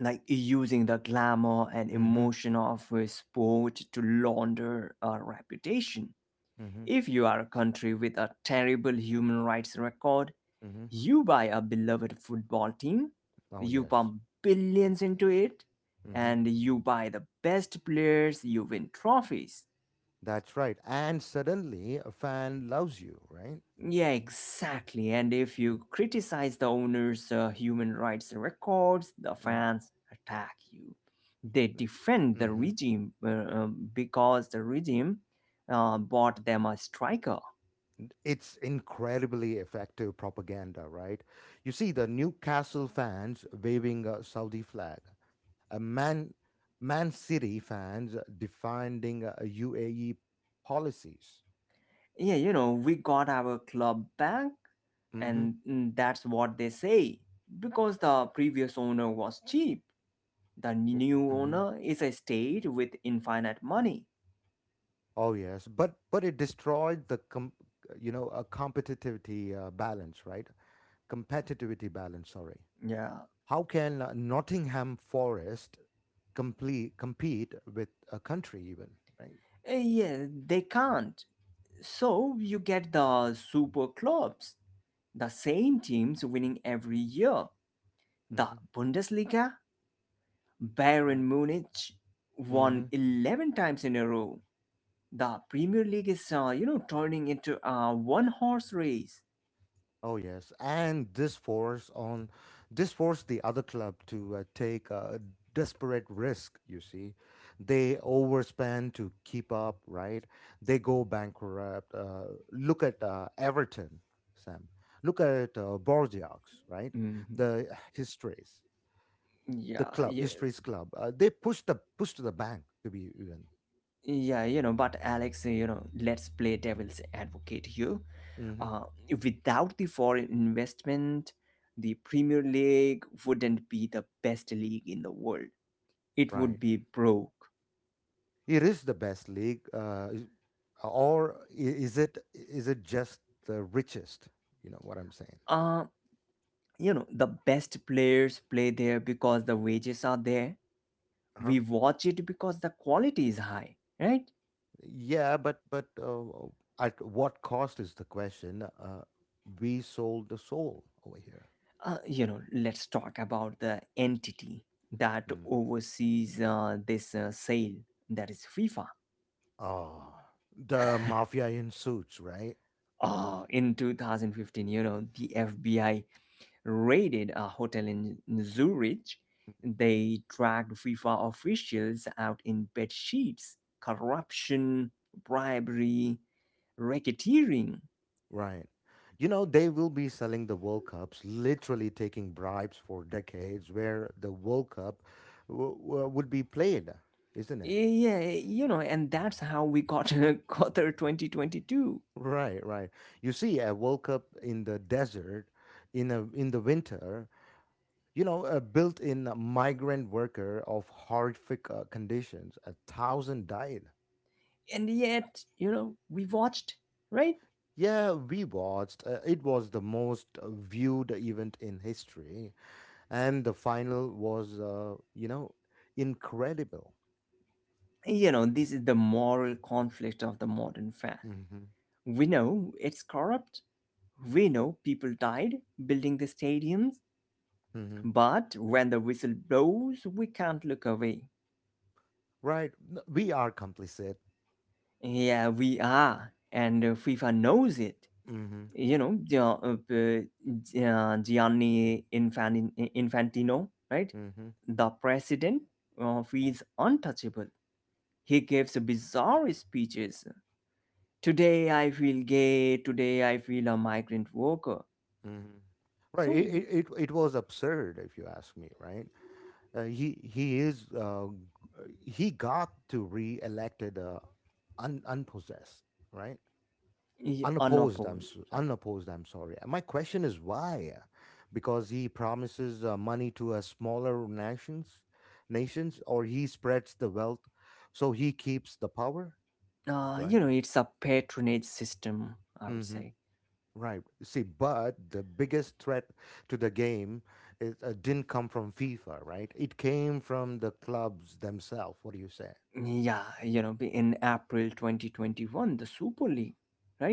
like using the glamour and Mm-hmm. emotion of sport to launder a reputation. Mm-hmm. If you are a country with a terrible human rights record, Mm-hmm. you buy a beloved football team, Oh you yes. pump billions into it, Mm-hmm. and you buy the best players, you win trophies. That's right. And suddenly a fan loves you, right? Yeah, exactly. And if you criticize the owner's human rights records, the Mm-hmm. fans attack you. They defend the Mm-hmm. regime, because the regime bought them a striker. It's incredibly effective propaganda, right? You see the Newcastle fans waving a Saudi flag, a Man City fans defending UAE policies. Yeah, we got our club back. And that's what they say. Because the previous owner was cheap, the new Mm-hmm. owner is a state with infinite money. Oh yes, but it destroyed the you know a competitivity balance, right? Competitivity balance. Sorry. Yeah. How can Nottingham Forest complete compete with a country even? Right. Yeah, they can't. So you get the super clubs, the same teams winning every year. The hmm Bundesliga, Bayern Right. Munich Mm-hmm. won 11 times in a row. The Premier League is, turning into a one-horse race. Oh yes, and this forced the other club to take a desperate risk. You see, they overspend to keep up. Right, they go bankrupt. Look at Everton, Sam. Look at Bordeaux, right? Hmm. The histories, the Yeah, club, yeah, histories club. The push to the bank to be even. yeah, but Alex, let's play devil's advocate here. Hmm Uh, Without the foreign investment, the Premier League wouldn't be the best league in the world. It Right. would be broke. It is the best league, or is it? Is it just the richest? You know what I'm saying? Uh, the best players play there because the wages are there. Uh-huh. We watch it because the quality is high, right? Yeah, but at what cost is the question? We sold the soul over here. Let's talk about the entity that Mm. oversees this sale, that is FIFA. Oh, the mafia in suits, right? In 2015, the FBI raided a hotel in Zurich. They dragged FIFA officials out in bed sheets, corruption, bribery, racketeering. Right. You know, they will be selling the World Cups, literally taking bribes for decades, where the World Cup would be played, isn't it? Yeah, and that's how we got Qatar 2022. Right, right. You see, I woke up in the desert in the winter. You know, a built-in migrant worker of horrific conditions. A thousand died. And yet, we watched, right? Yeah, we watched. It was the most viewed event in history, and the final was, incredible. This is the moral conflict of the modern fan. Hmm We know it's corrupt. We know people died building the stadiums. hmm But when the whistle blows, we can't look away. Right. We are complicit. Yeah, we are. And FIFA knows it. Hmm Gianni Infantino, right? hmm The president feels untouchable. He gives bizarre speeches. Today I feel gay. Today I feel a migrant worker. hmm Right. It, So, it was absurd, if you ask me. Right. He is he got to re-elected unpossessed, right? yeah, on a Unopposed. Pole. Yeah. Unopposed. I'm sorry. My question is why? Because he promises money to smaller nations, nations, or he spreads the wealth, so he keeps the power, right? It's a patronage system, I would Mm-hmm. say. Right. See, but the biggest threat to the game didn't come from FIFA, right? It came from the clubs themselves. What do you say? Yeah, in April 2021, the Super League,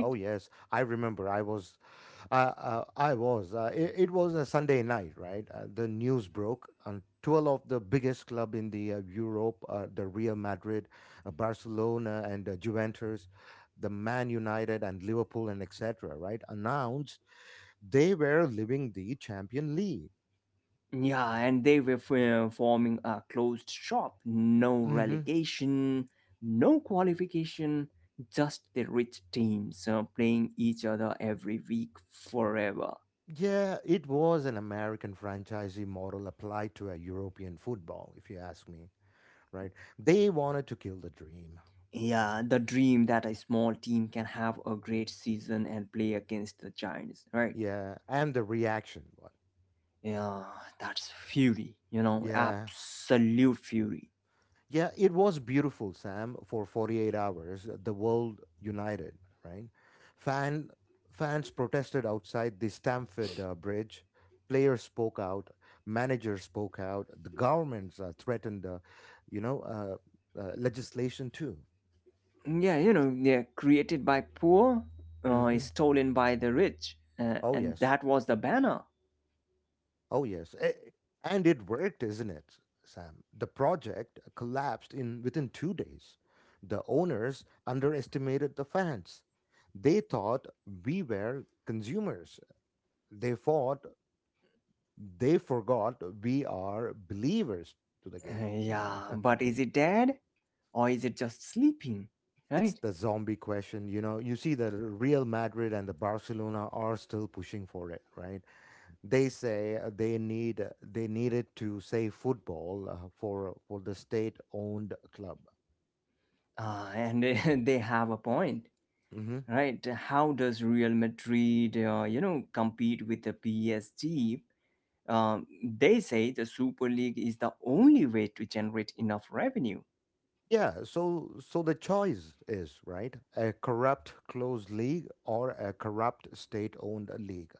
Oh yes, I remember. I was. It was a Sunday night, right? The news broke, and 12 of the biggest club in the Europe, the Real Madrid, Barcelona, and Juventus, the Man United and Liverpool and etc. Right, announced they were leaving the Champion League. Yeah, and they were forming a closed shop. No Hmm relegation, no qualification, just the rich teams playing each other every week forever. Yeah, it was an American franchisee model applied to a European football, if you ask me. Right, they wanted to kill the dream. Yeah, the dream that a small team can have a great season and play against the Giants, right? Yeah, and the reaction. What? Yeah, that's fury, Yeah. absolute fury. Yeah, it was beautiful, Sam, for 48 hours. The world united, right? Fan, fans protested outside the Stamford Bridge. Players spoke out. Managers spoke out. The governments threatened, you know, uh, legislation too. Yeah, they're created by poor, Hmm stolen by the rich, Oh, and yes. that was the banner. Oh, yes. And it worked, isn't it, Sam? The project collapsed in within 2 days. The owners underestimated the fans. They thought we were consumers. They thought they forgot we are believers to the game. Yeah, Yeah. but is it dead or is it just sleeping, It's right? the zombie question. You know, you see that Real Madrid and the Barcelona are still pushing for it, right? They say they need it to save football uh, for the state-owned club. And they have a point, Hmm right? How does Real Madrid, compete with the PSG? They say the Super League is the only way to generate enough revenue. Yeah, so so the choice is, right? A corrupt closed league or a corrupt state-owned league.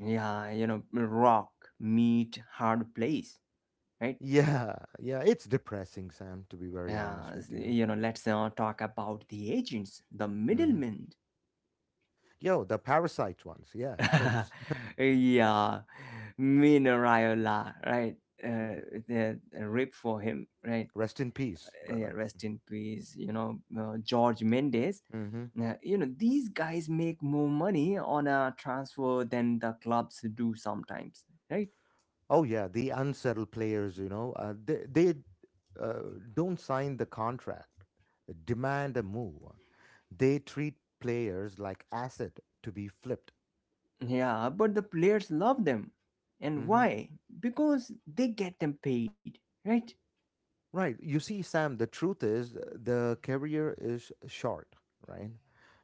Yeah, rock, meet, hard place, right? Yeah, yeah, it's depressing, Sam, to be very honest with you. Let's talk about the agents, the Hmm middlemen. Yo, the parasite ones. Yeah, of course. Yeah, Minariola, right? Uh, Mhm. The rip for him, right? Rest in peace, brother. Rest in peace. George Mendes. Hmm Now, these guys make more money on a transfer than the clubs do sometimes, right? Oh yeah, the unsettled players, they uh, don't sign the contract, demand a move. They treat players like asset to be flipped. Yeah, but the players love them. And Hmm why? Because they get them paid, right? Right. You see, Sam. The truth is, the career is short. Right.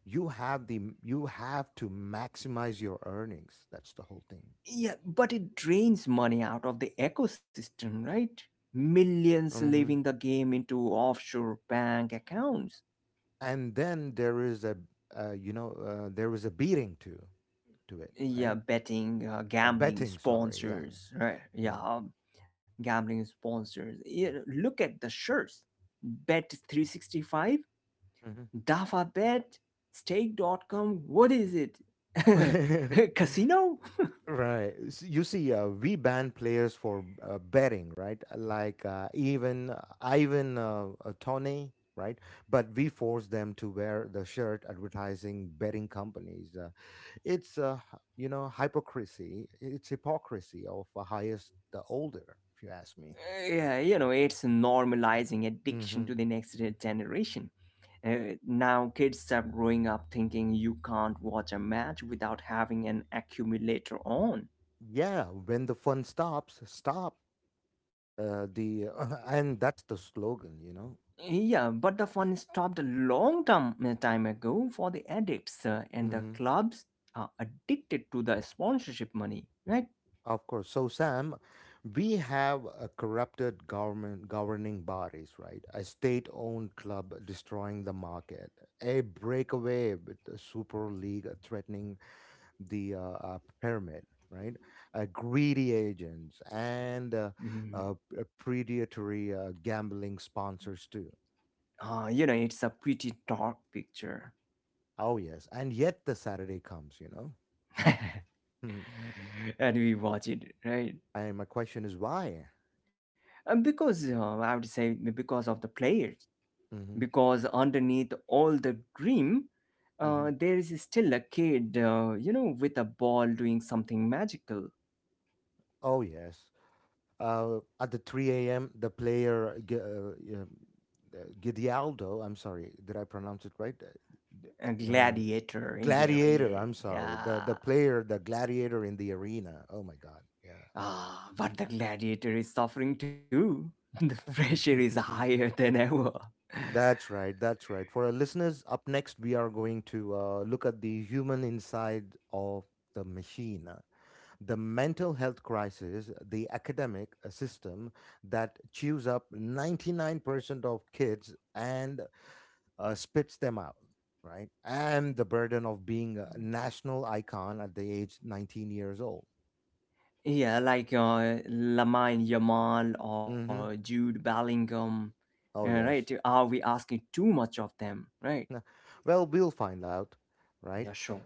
You have to maximize your earnings. That's the whole thing. Yeah, but it drains money out of the ecosystem, right? Millions leaving hmm the game into offshore bank accounts. And then there is a beating to it. Yeah, Right. betting, A gambling betting. Sorry. Yeah. sponsors, right. Yeah. Gambling sponsors. Yeah, look at the shirts. Bet365, Mm. dafa bet, Stake.com. What is it? Mhm. Casino. Right. You see, we ban players for betting, right? Like even Ivan, Tony, right? But we force them to wear the shirt advertising betting companies. It's, hypocrisy. It's hypocrisy of the highest, the older, if you ask me. Yeah, it's normalizing addiction hmm to the next generation. Now kids are growing up thinking you can't watch a match without having an accumulator on. Yeah, when the fun stops, stop. The And that's the slogan. Yeah, but the fun stopped a long time ago for the addicts, and the clubs are addicted to the sponsorship money, right? Of course. So, Sam, we have a corrupted government governing bodies, right? A state-owned club destroying the market, a breakaway with the Super League threatening the pyramid, right? Greedy agents and Mm. Predatory gambling sponsors too. Ah, it's a pretty dark picture. Oh yes, and yet the Saturday comes. Mhm. And we watch it, right? And my question is why? And because I would say because of the players, hmm because underneath all the dream, hmm there is still a kid, with a ball doing something magical, Oh yes. At the 3 a.m., the player Gidealdo, I'm sorry, did I pronounce it right? a uh, gladiator in the Gladiator, I'm array, sorry. The yeah. player, the gladiator in the arena. Oh my God. Yeah. Ah, but the gladiator is suffering too. The pressure is higher than ever. That's right. That's right. For our listeners, up next we are going to look at the human inside of the machine, the mental health crisis, the academic system that chews up 99% of kids and spits them out, right? And the burden of being a national icon at the age 19 years old. Yeah, like Lamine Yamal or hmm Jude Bellingham, Oh, right? yes. Are we asking too much of them, right? Nah, well, we'll find out, right? Yeah, sure.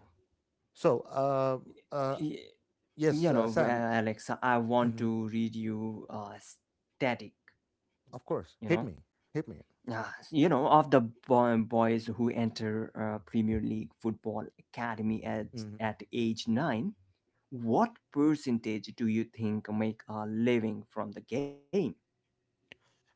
So, uh, Y- yes, You know, Sam, Alexa, I want hmm to read you static, of you course, know? hit me. Hit me. Ah, of the boys who enter Premier League Football Academy at, Mm-hmm. at age 9, what percentage do you think make a living from the game?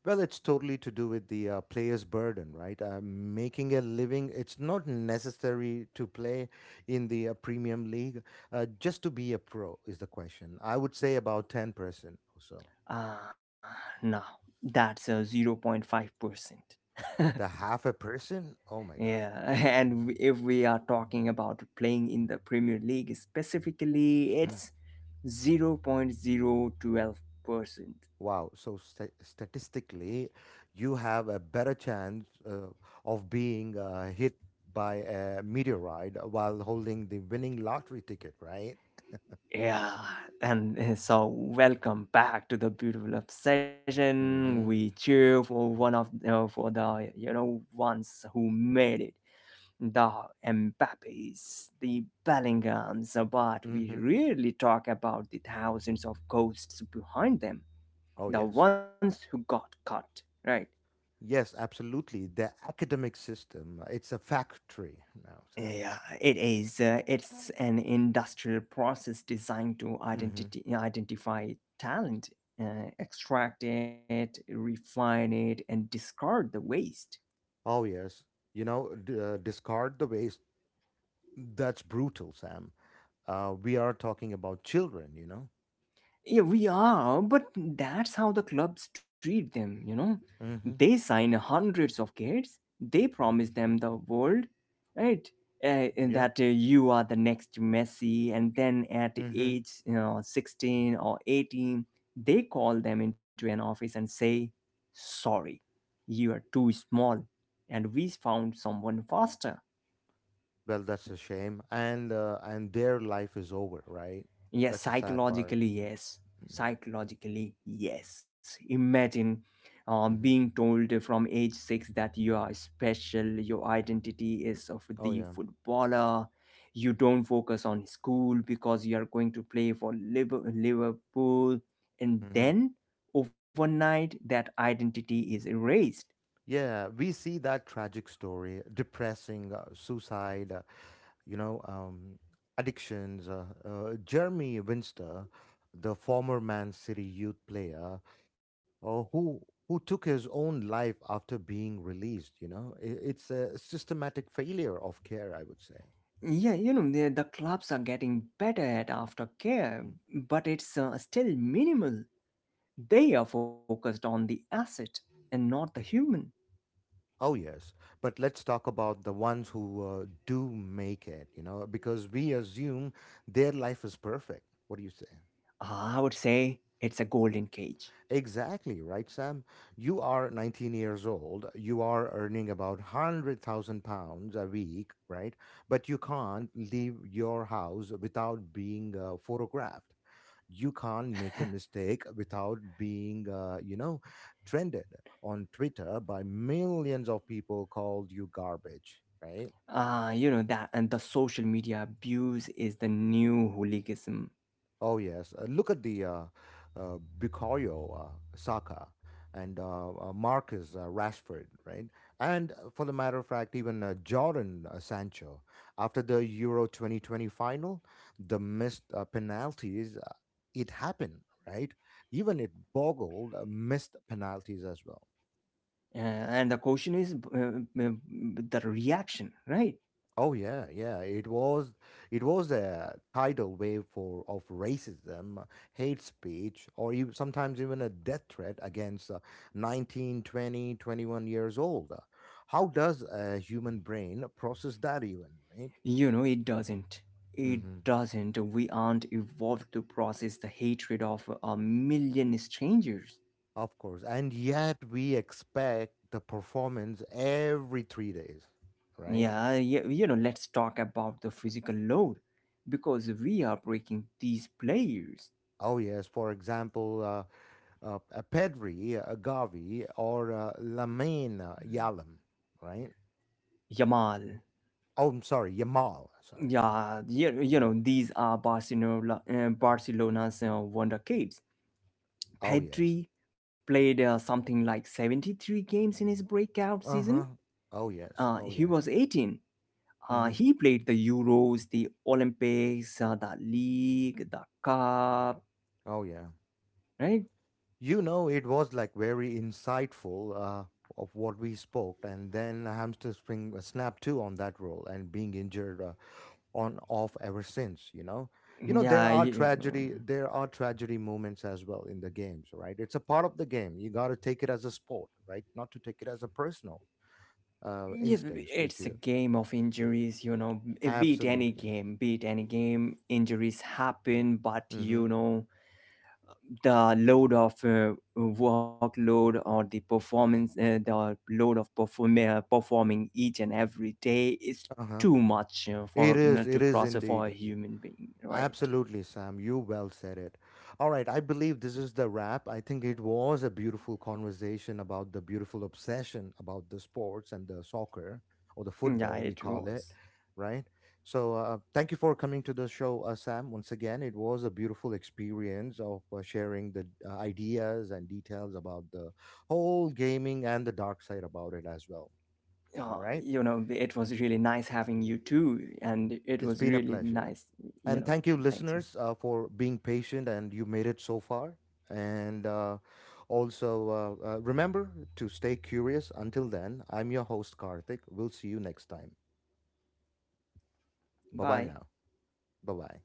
Well, it's totally to do with the player's burden, right? Making a living, it's not necessary to play in the Premium League just to be a pro, is the question. I would say about 10% or so. Ah, no, that's a 0.5%. The half a person? Oh my God. Yeah, and if we are talking about playing in the Premier League specifically, Mm. it's 0.012%. Wow. So statistically, you have a better chance of being hit by a meteorite while holding the winning lottery ticket, right? Yeah, and so welcome back to the beautiful obsession. We Mm-hmm. cheer for one of for the ones who made it, the Mbappes, the Bellinghams, but we Mm-hmm. rarely talk about the thousands of ghosts behind them, Oh, the yes. ones who got cut, right? Yes, absolutely. The academic system, it's a factory now, Sam. Yeah, it is. It's an industrial process designed to hmm identify talent, extract it, refine it, and discard the waste. Oh, yes. You know, discard the waste. That's brutal, Sam. We are talking about children, you know? Yeah, we are, but that's how the clubs treat them. They Mm-hmm. sign hundreds of kids, they promise them the world, right? And Yep. that you are the next Messi, and then at Mm-hmm. age 16 or 18, they call them into an office and say, sorry, you are too small, and we found someone faster. Well, that's a shame. And their life is over, right? Yes, That's a sad part. psychologically, yes. Mm-hmm. Psychologically, yes. Imagine Mm-hmm. being told from age six that you are special, your identity is of Oh, the yeah. footballer, you don't focus on school because you are going to play for Liverpool, and Mm-hmm. then overnight that identity is erased. Yeah, we see that tragic story, depressing, suicide, you know, um, addictions. Jeremy Winster, the former Man City youth player, uh, who who took his own life after being released. You know, I it's a systematic failure of care, I would say. Yeah, the clubs are getting better at aftercare, Mm. but it's still minimal. They are focused on the asset and not the human. Oh yes, but let's talk about the ones who do make it. You know, because we assume their life is perfect. What do you say? Ah, I would say it's a golden cage. Exactly, right, Sam? You are 19 years old. You are earning about £100,000 a week, right? But you can't leave your house without being photographed. You can't make a mistake without being, trended on Twitter by millions of people called you garbage, right? You know that, and the social media abuse is the new hooliganism. Oh yes, look at the Bukayo Saka and Marcus Rashford, right? And for the matter of fact, even Jordan Sancho after the Euro 2020 final, the missed penalties, it happened, right? Even it boggled missed penalties as well. Uh, and the question is the reaction, right? Oh yeah, yeah. It was a tidal wave for of racism, hate speech, or even, sometimes even a death threat against 19, 20, 21 years old. How does a human brain process that even, right? It doesn't. It hmm doesn't. We aren't evolved to process the hatred of a million strangers. Of course. And yet we expect the performance every 3 days, right? Yeah, yeah, let's talk about the physical load because we are breaking these players. Oh yes, for example, a Pedri, a Gavi, or Lamine Yalam, right? Yamal. Oh, I'm sorry, Yamal. Sorry. Yeah, these are Barcelona, Barcelona's wonder kids. Oh yes. Pedri played something like 73 games in his breakout Uh season. huh. Oh yes. He Oh was yes. 18. Mm-hmm. He played the Euros, the Olympics, the League, the Cup, Oh yeah. right? You know, it was like very insightful of what we spoke, and then hamster spring snap too on that role and being injured on off ever since. You know, there Yeah, are you know. tragedy. There are tragedy moments as well in the games, right? It's a part of the game. You got to take it as a sport, right? Not to take it as a personal Yeah, instincts with it's a you. game of injuries. Beat any Absolutely. game, beat any game. Injuries happen, but Mm-hmm. The load of workload or the performance, the load of perform- performing each and every day is Uh-huh. too much for to It is process for indeed. a human being, right. Absolutely, Sam. You well said it. All right, I believe this is the wrap. I think it was a beautiful conversation about the beautiful obsession about the sports and the soccer or the Yeah, football, we it call it, was. right? So, thank you for coming to the show, Sam. Once again, it was a beautiful experience of sharing the ideas and details about the whole gaming and the dark side about it as well. All right. It was really nice having you too, and it It's was been a really pleasure. nice. you And know thank you, Thank you. listeners, for being patient and you made it so far. And Also, remember to stay curious. Until then, I'm your host, Karthik. We'll see you next time. Bye bye Bye. now. Bye bye.